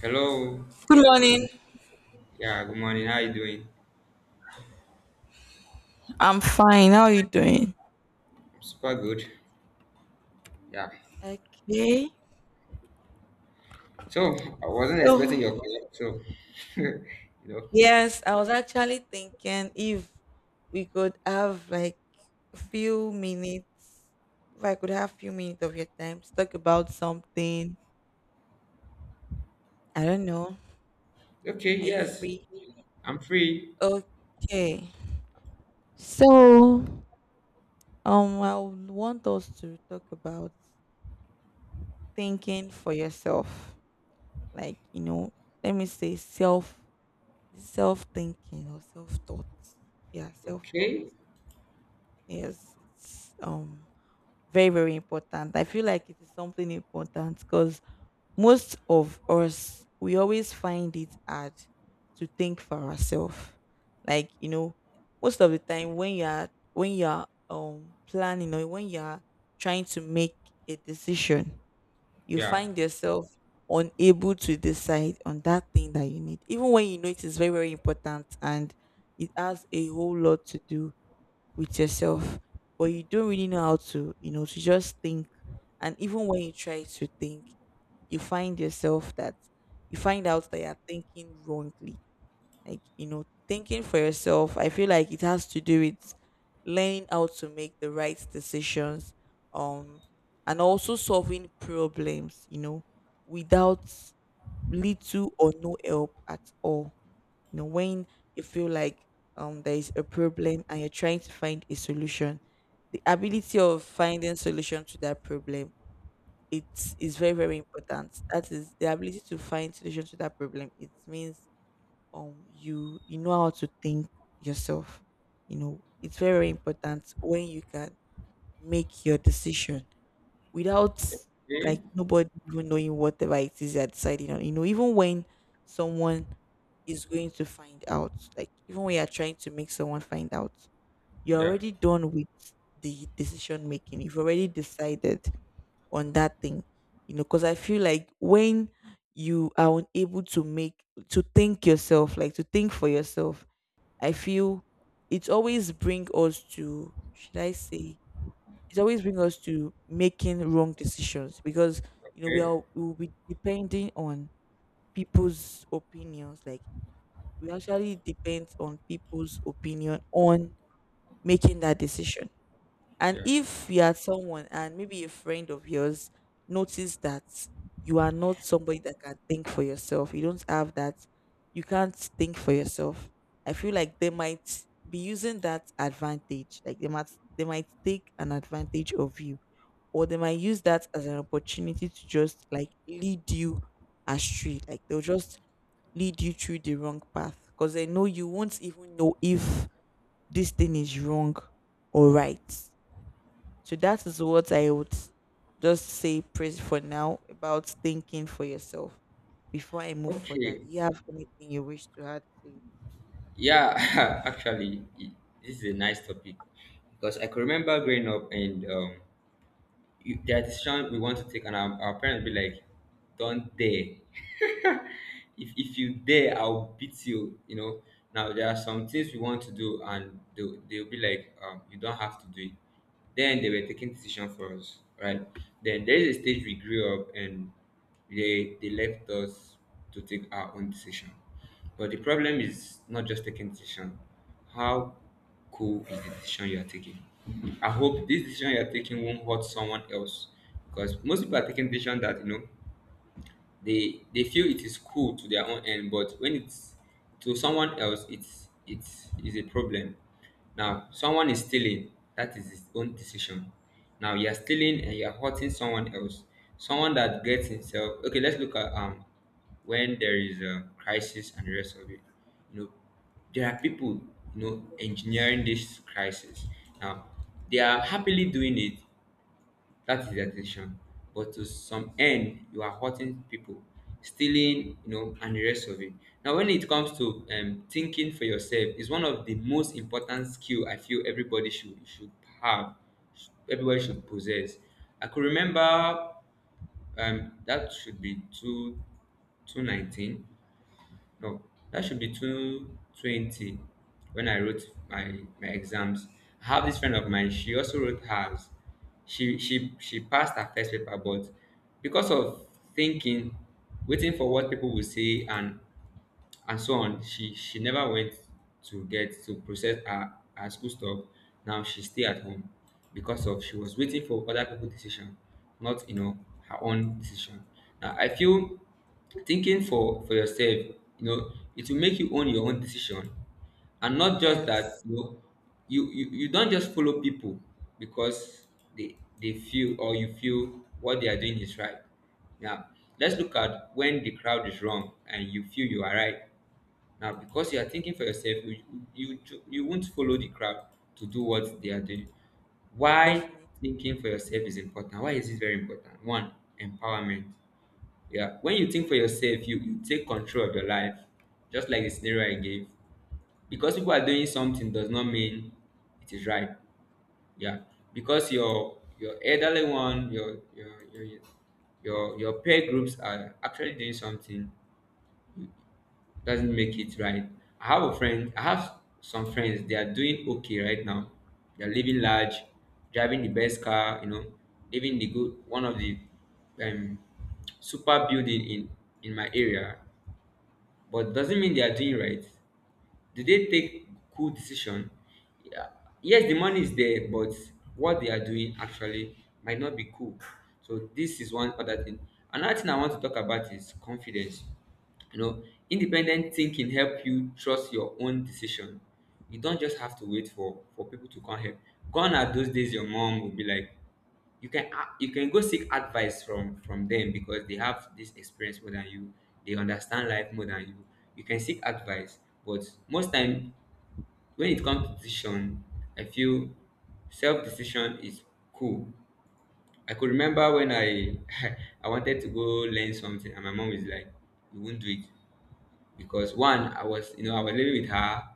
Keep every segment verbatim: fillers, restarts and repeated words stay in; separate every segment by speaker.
Speaker 1: Hello.
Speaker 2: Good morning.
Speaker 1: Good. Yeah. Good morning. How you doing?
Speaker 2: I'm fine. How are you doing?
Speaker 1: I'm super good. Yeah.
Speaker 2: Okay.
Speaker 1: So I wasn't expecting
Speaker 2: So,
Speaker 1: your call. So you know.
Speaker 2: yes, I was actually thinking if we could have like a few minutes, if I could have few minutes of your time to talk about something. I don't know.
Speaker 1: Okay.
Speaker 2: Are you
Speaker 1: Yes.
Speaker 2: free?
Speaker 1: I'm free.
Speaker 2: Okay. So, um, I would want us to talk about thinking for yourself. Like, you know, let me say self self thinking or self thought. Yeah, self thought.
Speaker 1: Okay.
Speaker 2: Yes, it's um very, very important. I feel like it is something important because most of us, we always find it hard to think for ourselves. Like you know, most of the time when you are when you are um planning or when you are trying to make a decision, you
Speaker 1: Yeah.
Speaker 2: find yourself unable to decide on that thing that you need, even when you know it is very, very important and it has a whole lot to do with yourself, but you don't really know how to, you know, to just think. And even when you try to think, you find yourself that you find out that you're thinking wrongly. like you know thinking for yourself, I feel like it has to do with learning how to make the right decisions, um and also solving problems, you know without little or no help at all. You know when you feel like um there is a problem and you're trying to find a solution, the ability of finding solution to that problem, it is very, very important. That is, the ability to find solution to that problem it means um you you know how to think yourself. You know, it's very, very important when you can make your decision without,
Speaker 1: Okay.
Speaker 2: like, nobody even knowing whatever it is you're deciding on. You know, even when someone is going to find out, like even when you're trying to make someone find out, you're
Speaker 1: Yeah.
Speaker 2: already done with the decision making. You've already decided on that thing. You know, because I feel like when you are unable to make, to think yourself like to think for yourself, I feel it always bring us to, should I say it always bring us to making wrong decisions, because you know we
Speaker 1: Okay.
Speaker 2: are we will be depending on people's opinions. Like, we actually depend on people's opinion on making that decision. And
Speaker 1: Yeah.
Speaker 2: if you are someone and maybe a friend of yours notice that you are not somebody that can think for yourself, you don't have that, you can't think for yourself, I feel like they might be using that advantage. Like they might, they might take an advantage of you. Or they might use that as an opportunity to just like lead you astray. Like they'll just lead you through the wrong path, because they know you won't even know if this thing is wrong or right. So that is what I would just say praise for now about thinking for yourself before I move further. Do
Speaker 1: Okay.
Speaker 2: you have anything you wish to add to it?
Speaker 1: Yeah. Actually, i- this is a nice topic because I could remember growing up and um, you, there are decisions we want to take, and our, our parents be like, "Don't dare." if if you dare, I'll beat you you know Now there are some things we want to do, and they they'll be like, um, you don't have to do it. Then they were taking decision for us, right? Then there is a stage we grew up and they they left us to take our own decision. But the problem is not just taking decision. How cool is the decision you are taking? I hope this decision you are taking won't hurt someone else, because most people are taking decision that, you know they they feel it is cool to their own end, but when it's to someone else, it's it's is a problem. Now someone is stealing. That is his own decision. Now you're stealing and you're hurting someone else. Someone that gets himself. Okay, let's look at um when there is a crisis and the rest of it. you know there are people you know engineering this crisis. Now they are happily doing it. That is their decision. But to some end, you are hurting people, stealing, you know, and the rest of it. Now, when it comes to um, thinking for yourself, is one of the most important skill I feel everybody should should have, sh- everybody should possess. I could remember um, that should be two two nineteen. No, that should be two twenty when I wrote my, my exams. I have this friend of mine, she also wrote hers. She, she, she passed her first paper, but because of thinking, waiting for what people will say, and and so on, she she never went to get to process her her school stuff. Now she stay at home because of she was waiting for other people decision, not you know her own decision. Now I feel thinking for for yourself, you know it will make you own your own decision. And not just that
Speaker 2: Yes,
Speaker 1: you know you you, you don't just follow people because they they feel or you feel what they are doing is right. Now let's look at when the crowd is wrong and you feel you are right. Now, because you are thinking for yourself, you you you you won't follow the crowd to do what they are doing. Why
Speaker 2: definitely.
Speaker 1: thinking for yourself is important? Why is this very important? One, empowerment. Yeah, when you think for yourself, you you take control of your life, just like the scenario I gave. Because people are doing something does not mean it is right. Yeah, because your your elderly one, your your your your your peer groups are actually doing something doesn't make it right. I have a friend, I have some friends, they are doing okay right now. They're living large, driving the best car, you know, living the good one of the um super building in in my area. But doesn't mean they are doing right. Do they take cool decision? Yeah, yes, the money is there, but what they are doing actually might not be cool. So this is one other thing. Another thing I want to talk about is confidence. you know independent thinking help you trust your own decision. You don't just have to wait for for people to come help. Gone are those days your mom will be like, you can a- you can go seek advice from from them because they have this experience more than you. They understand life more than you. You can seek advice, but most time when it comes to decision, I feel self decision is cool. I could remember when I I wanted to go learn something, and my mom is like, you won't do it. Because one, i was you know i was living with her,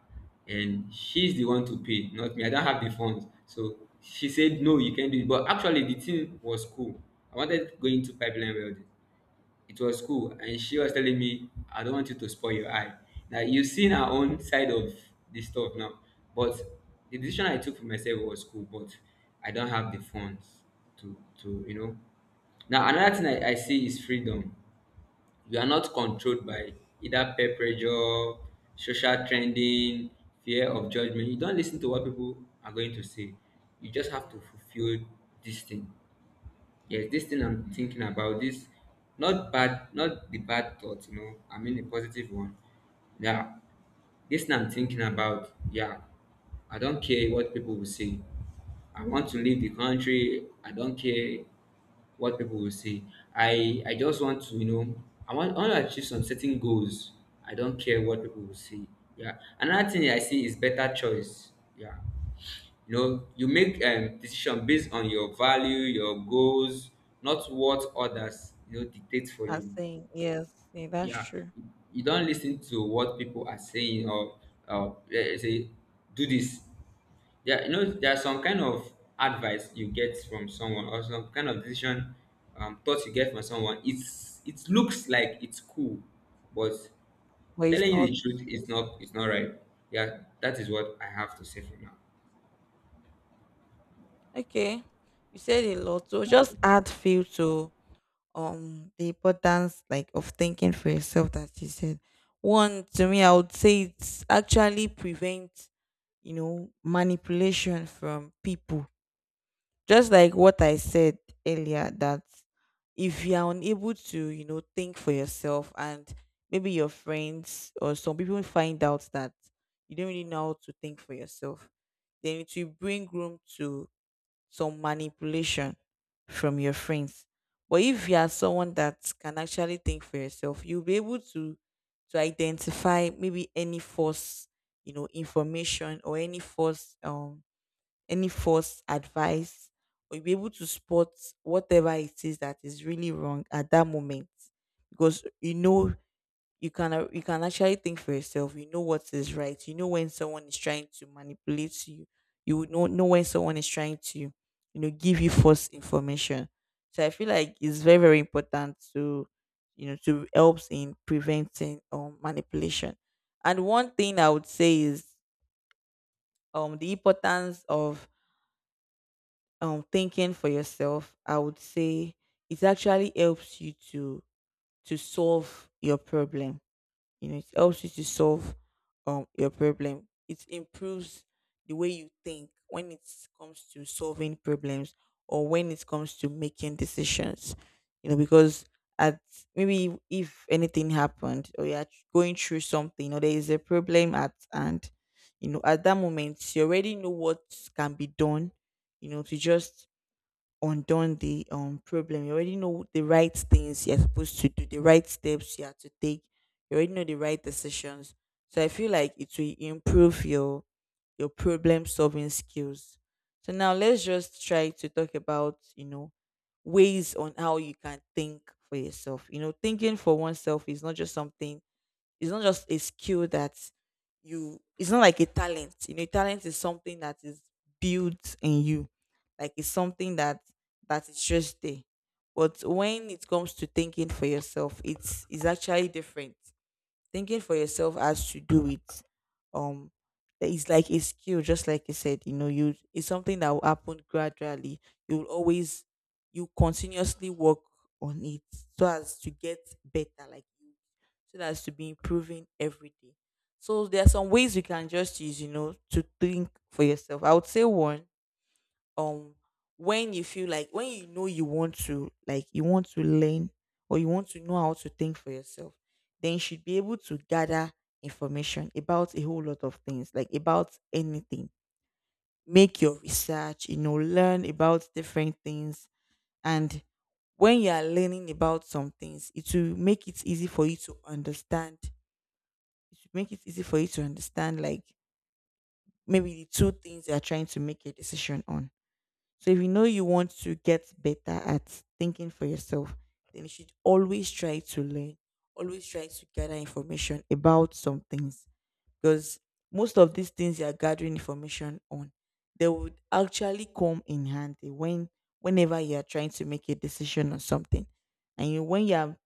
Speaker 1: and she's the one to pay, not me, I don't have the funds. So she said no, you can't do it, but actually the thing was cool. I wanted to go into pipeline welding. It was cool, and she was telling me, I don't want you to spoil your eye. Now you've seen our own side of this stuff now. But the decision I took for myself was cool, but I don't have the funds to to you know Now another thing i, I see is freedom. We are not controlled by either peer pressure, social trending, fear of judgment. You don't lis ten to what people are going to say. You just have to
Speaker 2: Yes.
Speaker 1: fulfill this thing. Yes, this thing I'm thinking about, this not bad, not the bad thought, you know, I mean the positive one. Yeah, this thing I'm thinking about, yeah, I don't care what people will say. I want to leave the country. I don't care what people will say. I I just want to, you know, I want, I want to achieve some certain goals. I don't care what people will say. Yeah. Another thing I see is better choice. Yeah. You know, you make um, decision based on your value, your goals, not what others you know dictate for
Speaker 2: I'm
Speaker 1: you.
Speaker 2: saying yes, yeah, that's
Speaker 1: Yeah,
Speaker 2: true.
Speaker 1: you don't listen to what people are saying or or eh, eh, say do this. Yeah, you know, there are some kind of advice you get from someone, or some kind of decision, um, thoughts you get from someone. It's it looks like it's cool, but
Speaker 2: But it's
Speaker 1: telling you
Speaker 2: not.
Speaker 1: the truth is not, it's not right. Yeah, that is what I have to say for now.
Speaker 2: Okay. You said a lot, so just add feel to um the importance, like, of thinking for yourself that you said. One, to me, I would say it's actually prevent, you know manipulation from people. Just like what I said earlier, that if you are unable to, you know, think for yourself, and maybe your friends or some people find out that you don't really know how to think for yourself, then it will bring room to some manipulation from your friends. But if you are someone that can actually think for yourself, you'll be able to to identify maybe any false, you know, information, or any false um any false advice, or you'll be able to spot whatever it is that is really wrong at that moment. Because you know, you can a- you can actually think for yourself, you know what is right, you know when someone is trying to manipulate you. You would know, know when someone is trying to, you know, give you false information. So I feel like it's very, very important to, you know to helps in preventing um manipulation. And one thing I would say is, um the importance of um thinking for yourself, I would say it actually helps you to to solve your problem. You know, it helps you to solve um your problem. It improves the way you think when it comes to solving problems, or when it comes to making decisions. You know, because at, maybe if anything happened, or you're going through something, or there is a problem at hand, you know, at that moment you already know what can be done, you know, to just undone the um problem. You already know the right things you're supposed to do, the right steps you have to take. You already know the right decisions. So I feel like it will improve your your problem solving skills. So now let's just try to talk about, you know, ways on how you can think for yourself. You know, thinking for oneself is not just something, it's not just a skill that, you it's not like a talent. You know, talent is something that is built in you. Like, it's something that that is just there. But when it comes to thinking for yourself, it's it's actually different. Thinking for yourself has to do with um that is like a skill, just like you said, you know, you it's something that will happen gradually. You will always, you continuously work on it so as to get better, like you, so that as to be improving every day. So there are some ways you can just use, you know, to think for yourself. I would say one, um when you feel like, when you know you want to like, you want to learn or you want to know how to think for yourself, then you should be able to gather information about a whole lot of things, like about anything. Make your research, you know, learn about different things. And when you are learning about some things, it will make it easy for you to understand. It will make it easy for you to understand like maybe the two things you are trying to make a decision on. So if you know you want to get better at thinking for yourself, then you should always try to learn, always try to gather information about some things, because most of these things you are gathering information on, they would actually come in handy when whenever you are trying to make a decision on something. And you, when you are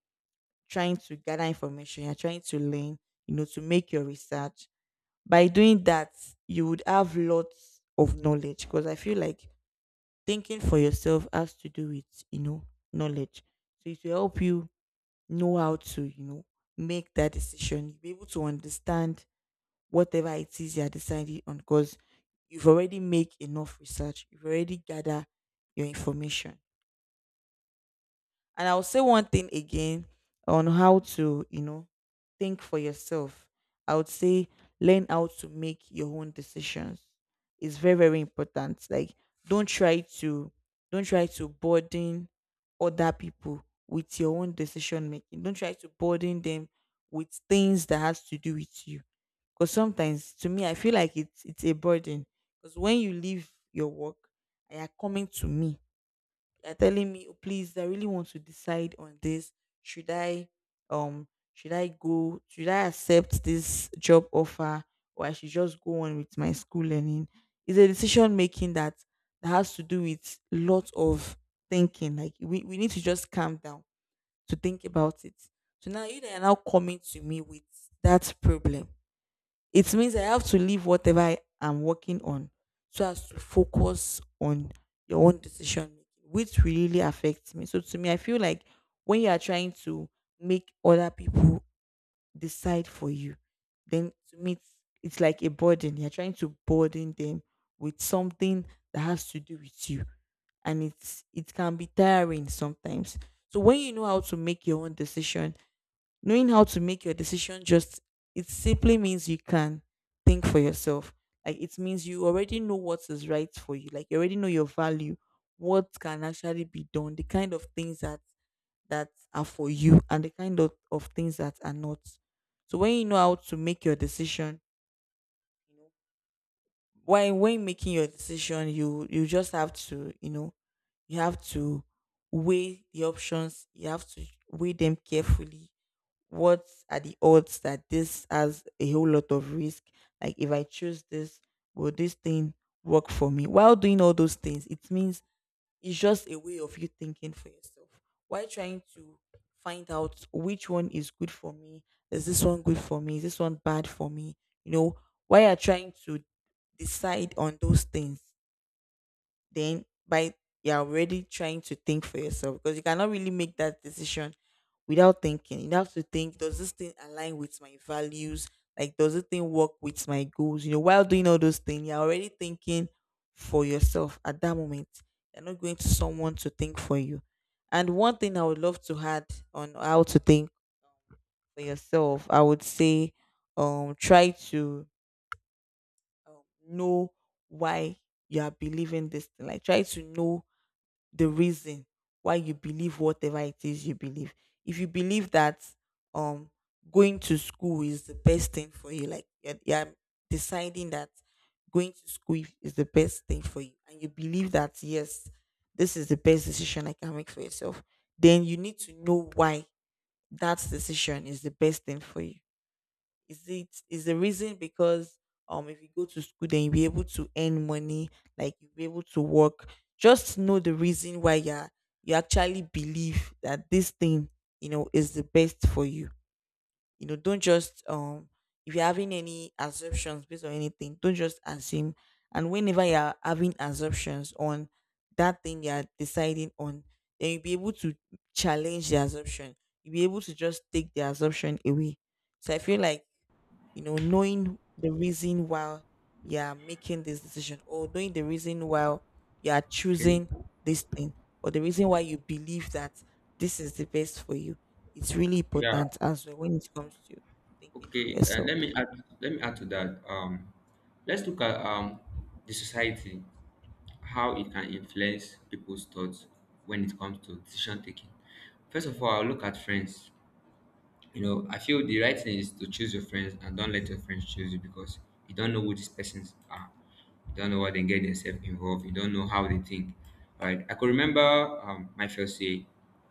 Speaker 2: trying to gather information, you're trying to learn, you know, to make your research. By doing that, you would have lots of knowledge, because I feel like thinking for yourself has to do with, you know, knowledge. So it will help you know how to, you know, make that decision. You'll be able to understand whatever it is you're deciding on, because you've already made enough research, you've already gathered your information. And I'll say one thing again on how to, you know, think for yourself. I would say learn how to make your own decisions. It's very, very important. Like, don't try to don't try to burden other people with your own decision making. Don't try to burden them with things that has to do with you. Because sometimes, to me, I feel like it's it's a burden. Because when you leave your work, and you are coming to me, they're telling me, "Oh, please, I really want to decide on this. Should I um should I go, should I accept this job offer, or I should just go on with my school learning?" It's a decision making that that has to do with lots of thinking. Like, we, we need to just calm down to think about it. So now you are now coming to me with that problem. It means I have to leave whatever I am working on so as to focus on your own decision making, which really affects me. So to me, I feel like when you are trying to make other people decide for you, then to me it's, it's like a burden. You're trying to burden them with something that has to do with you. And it's, it can be tiring sometimes. So when you know how to make your own decision, knowing how to make your decision just, it simply means you can think for yourself. Like, it means you already know what is right for you. Like, you already know your value, what can actually be done, the kind of things that that are for you, and the kind of, of things that are not. So when you know how to make your decision, you know, when when making your decision, you you just have to, you know, you have to weigh the options. You have to weigh them carefully. What are the odds that this has a whole lot of risk? Like, if I choose this, will this thing work for me? While doing all those things, it means it's just a way of you thinking for yourself. Why trying to find out which one is good for me? Is this one good for me? Is this one bad for me? You know, why are trying to decide on those things? Then by you're already trying to think for yourself, because you cannot really make that decision without thinking. You have to think, does this thing align with my values? Like, does this thing work with my goals? You know, while doing all those things, you're already thinking for yourself at that moment. You're not going to someone to think for you. And one thing I would love to add on how to think for yourself, I would say, um, try to um, know why you are believing this thing. Like, try to know the reason why you believe whatever it is you believe. If you believe that um going to school is the best thing for you, like you're, you're deciding that going to school is is the best thing for you, and you believe that yes, this is the best decision I can make for yourself, then you need to know why that decision is the best thing for you. Is it, is the reason because um if you go to school, then you'll be able to earn money, like you'll be able to work. Just know the reason why you're you actually believe that this thing, you know, is the best for you. You know, don't just um if you're having any assumptions based on anything, don't just assume. And whenever you're having assumptions on that thing you're deciding on, then you'll be able to challenge the assumption. You'll be able to just take the assumption away. So I feel like, you know, knowing the reason why you're making this decision, or knowing the reason why you're
Speaker 1: Okay.
Speaker 2: choosing this thing, or the reason why you believe that this is the best for you. It's really
Speaker 1: Yeah.
Speaker 2: important as well when it comes to thinking for
Speaker 1: Okay, uh,
Speaker 2: yourself.
Speaker 1: let me add let me add to that. Um, let's look at um, the society, how it can influence people's thoughts when it comes to decision taking. First of all, I'll look at friends. You know, I feel the right thing is to choose your friends and don't let your friends choose you, because you don't know who these persons are. You don't know what they get themselves involved. You don't know how they think. Right? I could remember um, my first day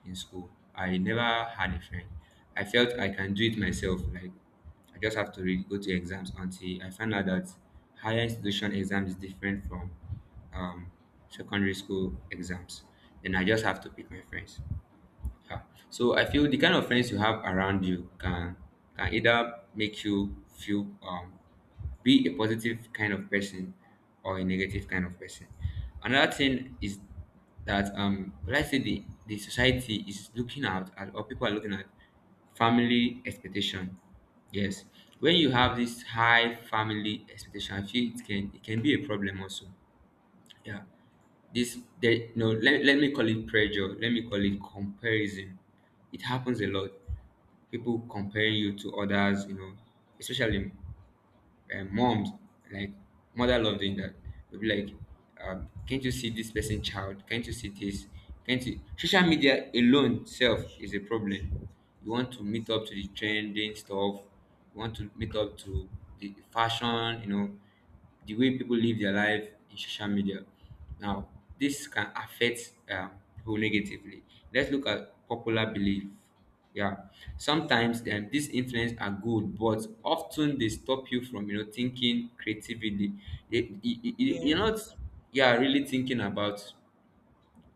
Speaker 1: in school. I never had a friend. I felt I can do it myself. Like, I just have to read, go to exams, until I found out that higher institution exam is different from um, secondary school exams. Then I just have to pick my friends. Yeah. So I feel the kind of friends you have around you can can either make you feel um, be a positive kind of person or a negative kind of person. Another thing is that um let's say the, the society is looking out at, or people are looking at, family expectation. Yes. When you have this high family expectation, I feel it can it can be a problem also. Yeah, this there no let, let me call it pressure, let me call it comparison. It happens a lot, people comparing you to others you know especially uh, moms. Like, mother love doing that. They'll be like, um, can't you see this person child, can't you see this can't you social media alone self is a problem. You want to meet up to the trending stuff. You want to meet up to the fashion you know the way people live their life in social media. Now, this can affect um, people negatively. Let's look at popular belief. Yeah, sometimes um, these influence are good, but often they stop you from, you know thinking creatively. They- you- you- you- You're
Speaker 2: Yes.
Speaker 1: not, yeah, really thinking about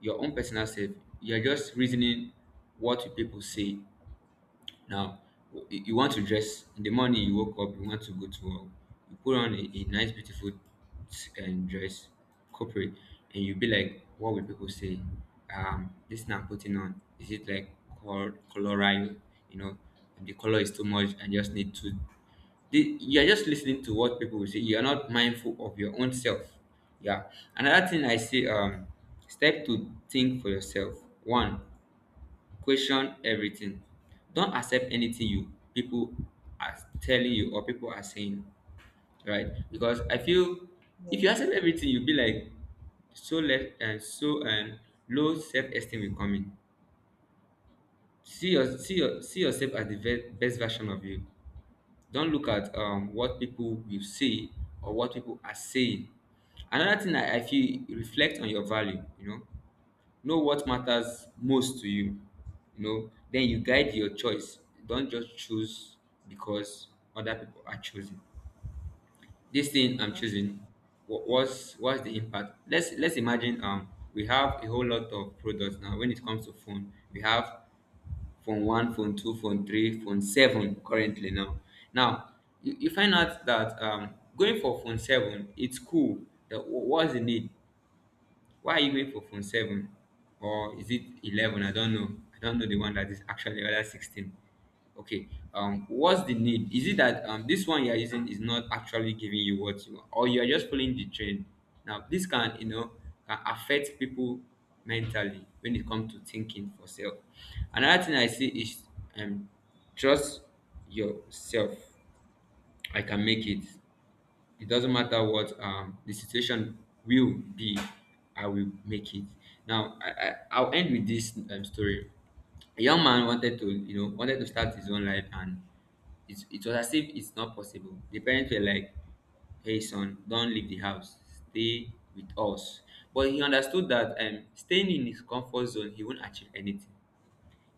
Speaker 1: your own personal self. You're just reasoning what will people say. Now, w- you you want to dress in the morning. You woke up. You want to go to work. You put on a, a nice, beautiful s- and dress, corporate, and you be like, what will people say? Um, this now putting on is it like col- colorado? You know, the color is too much. I just need to. The, you are just listening to what people will say. You are not mindful of your own self. Yeah. Another thing I say, um, step to think for yourself. One, question everything. Don't accept anything you people are telling you or people are saying, right? Because I feel if you
Speaker 2: Yes.
Speaker 1: accept everything, you'll be like so left and so, um, low self-esteem will come in. See your see your see yourself as the ve- best version of you. Don't look at um what people will say or what people are saying. Another thing i, I feel, reflect on your value, you know know what matters most to you, you know, then you guide your choice. Don't just choose because other people are choosing this thing I'm
Speaker 2: That's
Speaker 1: choosing. What, what's what's the impact? Let's let's imagine, um we have a whole lot of products. Now when it comes to phone, we have phone one, phone two, phone three, phone seven currently. Now now you, you find out that um going for phone seven, it's cool. The- wh- what's the need? Why are you going for phone seven? Or is it eleven? I don't know. I don't know the one that is actually rather sixteen. Okay. Um, what's the need? Is it that um this one you are using is not actually giving you what you want, or you are just following the trend? Now this can, you know, can affect people mentally when it comes to thinking for self. Another thing I see is um trust yourself. I can make it. It doesn't matter what um, the situation will be, I will make it. Now i, I i'll end with this um, story. A young man wanted to you know wanted to start his own life, and it, it was as if it's not possible. The parents were like, hey son, don't leave the house, stay with us. But he understood that um, staying in his comfort zone, he won't achieve anything.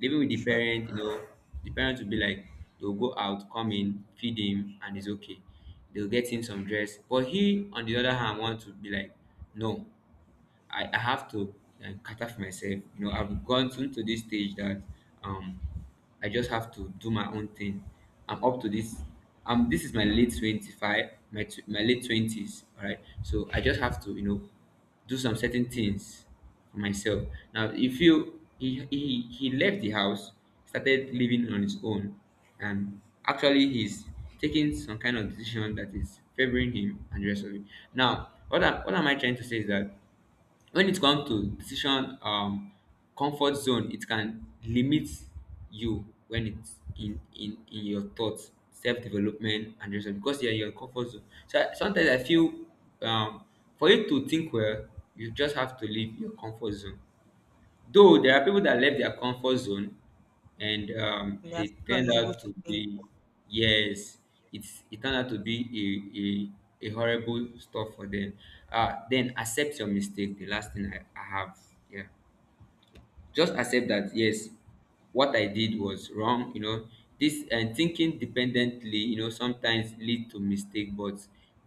Speaker 1: Living with the
Speaker 2: sure.
Speaker 1: parent, you know, the parent will be like, they'll go out, come in, feed him, and it's okay. They'll get him some dress, but he on the other hand want to be like, no, I, I have to um, cater for myself. You know, I've gone to, to this stage that um, I just have to do my own thing. I'm up to this. Um, this is my late twenty five, my tw- my late twenties. All right, so I just have to, you know, do some certain things for myself. Now he feel he he, he left the house, started living on his own, and actually he's taking some kind of decision that is favoring him and the rest of it. Now, what am, what am I trying to say is that when it comes to decision, um comfort zone, it can limit you when it's in in in your thoughts, self-development, and yourself, because you're in your comfort zone. So I, sometimes I feel um for you to think well, you just have to leave your comfort zone. Though there are people that left their comfort zone and um
Speaker 2: We are
Speaker 1: they
Speaker 2: still
Speaker 1: turned
Speaker 2: unable
Speaker 1: out
Speaker 2: to
Speaker 1: to
Speaker 2: think.
Speaker 1: be. Yes. It's, it turned out to be a a, a horrible stuff for them. Uh then accept your mistake, the last thing i, I have. Yeah. Just accept that yes, what I did was wrong, you know. This and thinking dependently, you know, sometimes lead to mistake. But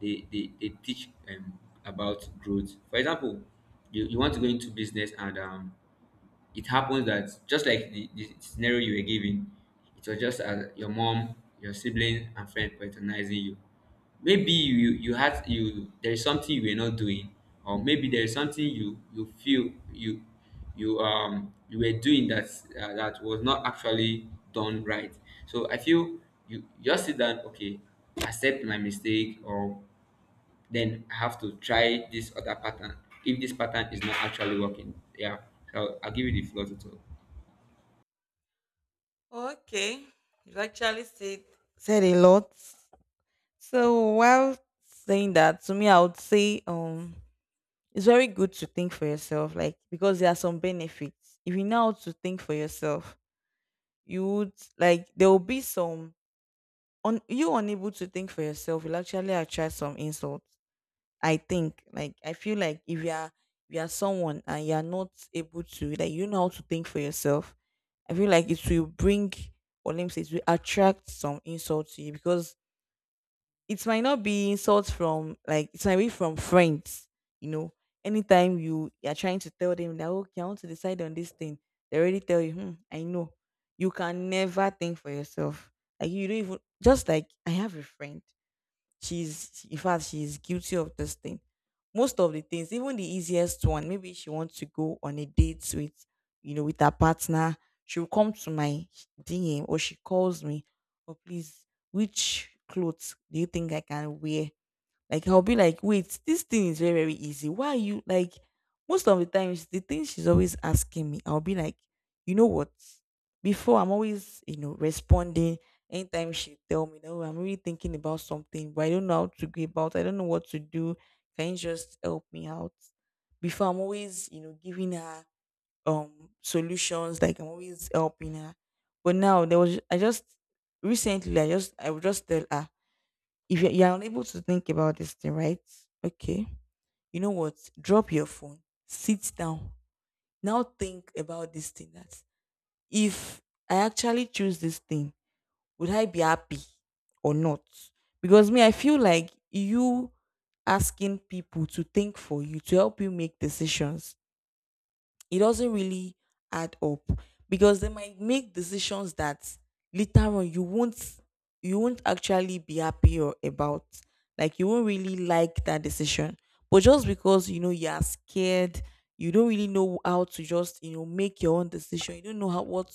Speaker 1: they they, they teach um, about growth, for example. You, you want to go into business, and um it happens that just like the, the scenario you were given, it was just as your mom, your sibling, and friend patronizing you. Maybe you you had you there is something you were not doing, or maybe there is something you you feel you you um you were doing, that uh, that was not actually done right. So I feel you just sit down, okay, accept my mistake, or then I have to try this other pattern, if this pattern is not actually working. Yeah. So I'll give you the floor to talk.
Speaker 2: Okay. You've actually said said a lot. So while saying that, to me, I would say, um, it's very good to think for yourself, like, because there are some benefits. If you know how to think for yourself, you would like there will be some on you unable to think for yourself will actually attract some insults. I think, like, I feel like if you are if you are someone and you are not able to, like, you know how to think for yourself, I feel like it will bring, or let me say it will attract some insult to you, because it might not be insults from, like, it might be from friends, you know. Anytime you you are trying to tell them that, okay, I want to decide on this thing, they already tell you, hmm, I know. You can never think for yourself. Like, you don't even, just like, I have a friend. She's in fact she's guilty of this thing. Most of the things, even the easiest one, maybe she wants to go on a date with, you know, with her partner. She'll come to my D M, or she calls me. Oh please, which clothes do you think I can wear? Like, I'll be like, wait, this thing is very, very easy. Why are you like most of the times the thing she's always asking me, I'll be like, you know what? Before, I'm always, you know, responding anytime she tell me, oh, I'm really thinking about something, but I don't know how to go about. I don't know what to do. Can you just help me out? Before, I'm always, you know, giving her um solutions, like, I'm always helping her. But now, there was I just recently I just I would just tell her, if you're, you're unable to think about this thing, right? Okay. You know what? Drop your phone. Sit down. Now think about this thing, that if I actually choose this thing, would I be happy or not? Because me, I feel like you asking people to think for you, to help you make decisions, it doesn't really add up, because they might make decisions that later on you won't you won't actually be happy or about, like, you won't really like that decision. But just because, you know, you are scared, you don't really know how to just, you know make your own decision. You don't know how, what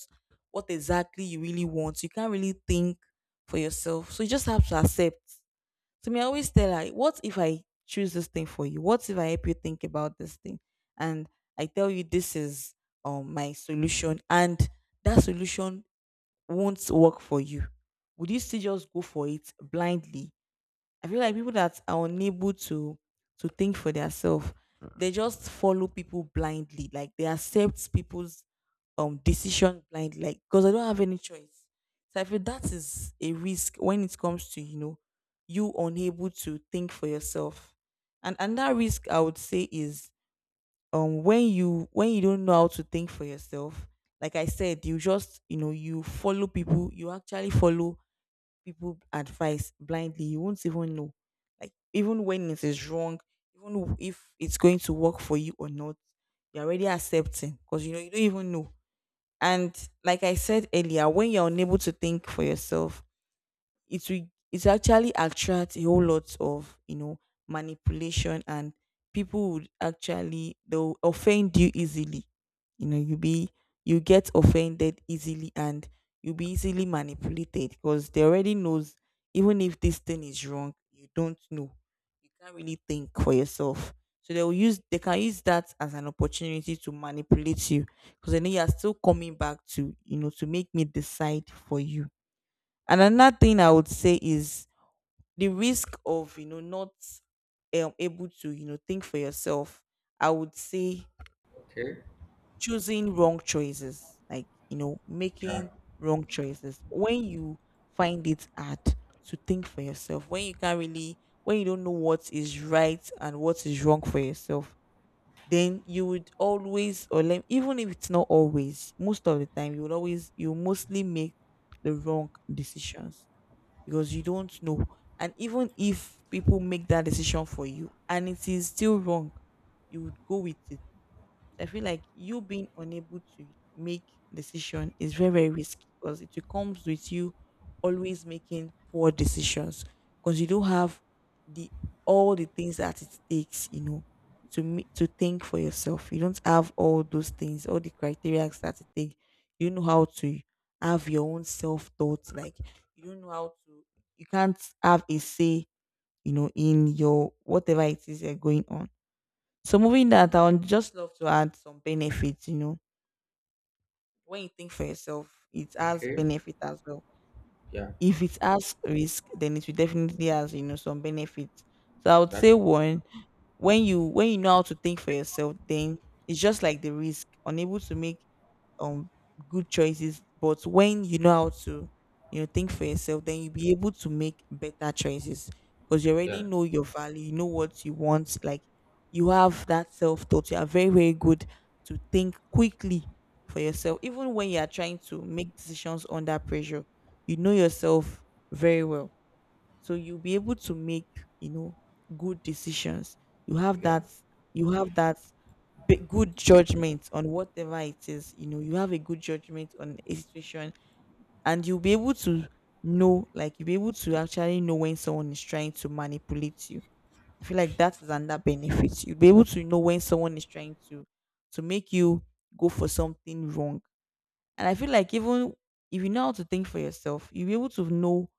Speaker 2: what exactly you really want. You can't really think for yourself, so you just have to accept. To me, I always tell her, what if I choose this thing for you? What if I help you think about this thing? And I tell you this is um my solution, and that solution won't work for you. Would you still just go for it blindly? I feel like people that are unable to to think for themselves, they just follow people blindly. Like, they accept people's um decision blindly, like, because I don't have any choice. So I feel that is a risk when it comes to, you know you unable to think for yourself. And and that risk, I would say, is um when you when you don't know how to think for yourself. Like I said, you just, you know you follow people. You actually follow people advice blindly. You won't even know. Like, even when it is wrong, even w- if it's going to work for you or not, you're already accepting because you know you don't even know. And like I said earlier, when you're unable to think for yourself, it will it actually attracts a whole lot of, you know manipulation. And people would actually, they'll offend you easily. You know, you be you get offended easily. And you'll be easily manipulated because they already knows, even if this thing is wrong, you don't know, you can't really think for yourself. So they will use they can use that as an opportunity to manipulate you, because I know you are still coming back to, you know to make me decide for you. And another thing I would say is the risk of, you know not, um, able to, you know think for yourself. I would say
Speaker 1: Okay.
Speaker 2: choosing wrong choices, like, you know
Speaker 1: Yeah.
Speaker 2: making wrong choices when you find it hard to think for yourself, when you can't really, when you don't know what is right and what is wrong for yourself. Then you would always, or lem- even if it's not always, most of the time you would always, you mostly make the wrong decisions, because you don't know. And even if people make that decision for you and it is still wrong, you would go with it. So I feel like you being unable to make decision is very, very risky, because it comes with you always making poor decisions, because you don't have the, all the things that it takes, you know, to me, to think for yourself. You don't have all those things, all the criteria that it takes. You don't know how to have your own self thoughts. Like, you don't know how to. You can't have a say, you know, in your whatever it is you're going on. So moving that, I would just love to add some benefits. You know, when you think for yourself, it has
Speaker 1: Okay.
Speaker 2: benefit as well.
Speaker 1: Yeah.
Speaker 2: If it has risk, then it will definitely has, you know some benefits. So I would say
Speaker 1: That's,
Speaker 2: one, when you when you know how to think for yourself, then it's just like the risk, unable to make um good choices. But when you know how to, you know think for yourself, then you'll be able to make better choices, because you
Speaker 1: yeah.
Speaker 2: already know your value, you know what you want, like you have that self-thought, you are very, very good to think quickly for yourself, even when you are trying to make decisions under pressure, you know yourself very well, so you'll be able to make, you know good decisions. You have
Speaker 1: Yeah.
Speaker 2: that, you have that b- good judgment on whatever it is, you know, you have a good judgment on a situation. And you'll be able to know, like, you'll be able to actually know when someone is trying to manipulate you. I feel like that is another benefit. You'll be able to know when someone is trying to to make you go for something wrong. And I feel like, even if you know how to think for yourself, you'll be able to know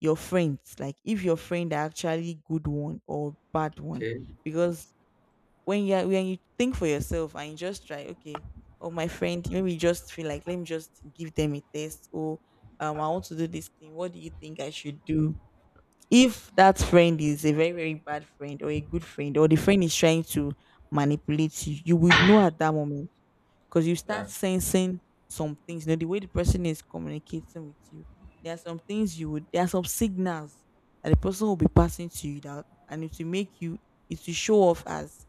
Speaker 2: your friends, like, if your friend are actually good one or bad one.
Speaker 1: Okay.
Speaker 2: Because when you are when you think for yourself, and you just try, okay, oh my friend, maybe you just feel like, let me just give them a test, or um I want to do this thing, what do you think I should do? If that friend is a very, very bad friend, or a good friend, or the friend is trying to manipulate you, you would know at that moment, because you start
Speaker 1: Yeah.
Speaker 2: sensing some things. You know, the way the person is communicating with you, there are some things you would, there are some signals that the person will be passing to you that, and it will make you, it will show off as,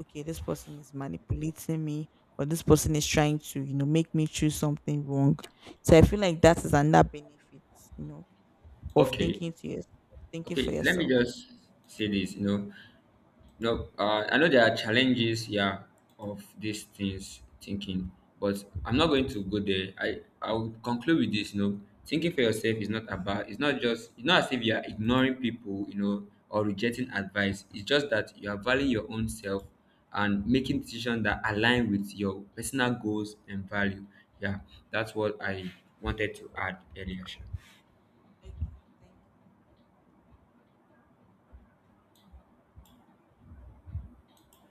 Speaker 2: okay, this person is manipulating me, or this person is trying to, you know, make me choose something wrong. So I feel like that is another benefit, you know, of
Speaker 1: Okay.
Speaker 2: thinking to yourself, thinking for
Speaker 1: Okay. Let me
Speaker 2: yourself.
Speaker 1: just say this, you know. No, uh, I know there are challenges, yeah, of these things thinking, but I'm not going to go there. I I'll conclude with this. You know, thinking for yourself is not about. It's not just. It's not as if you are ignoring people, you know, or rejecting advice. It's just that you are valuing your own self and making decisions that align with your personal goals and value. Yeah, that's what I wanted to add earlier. Sha.
Speaker 2: Okay, thank you.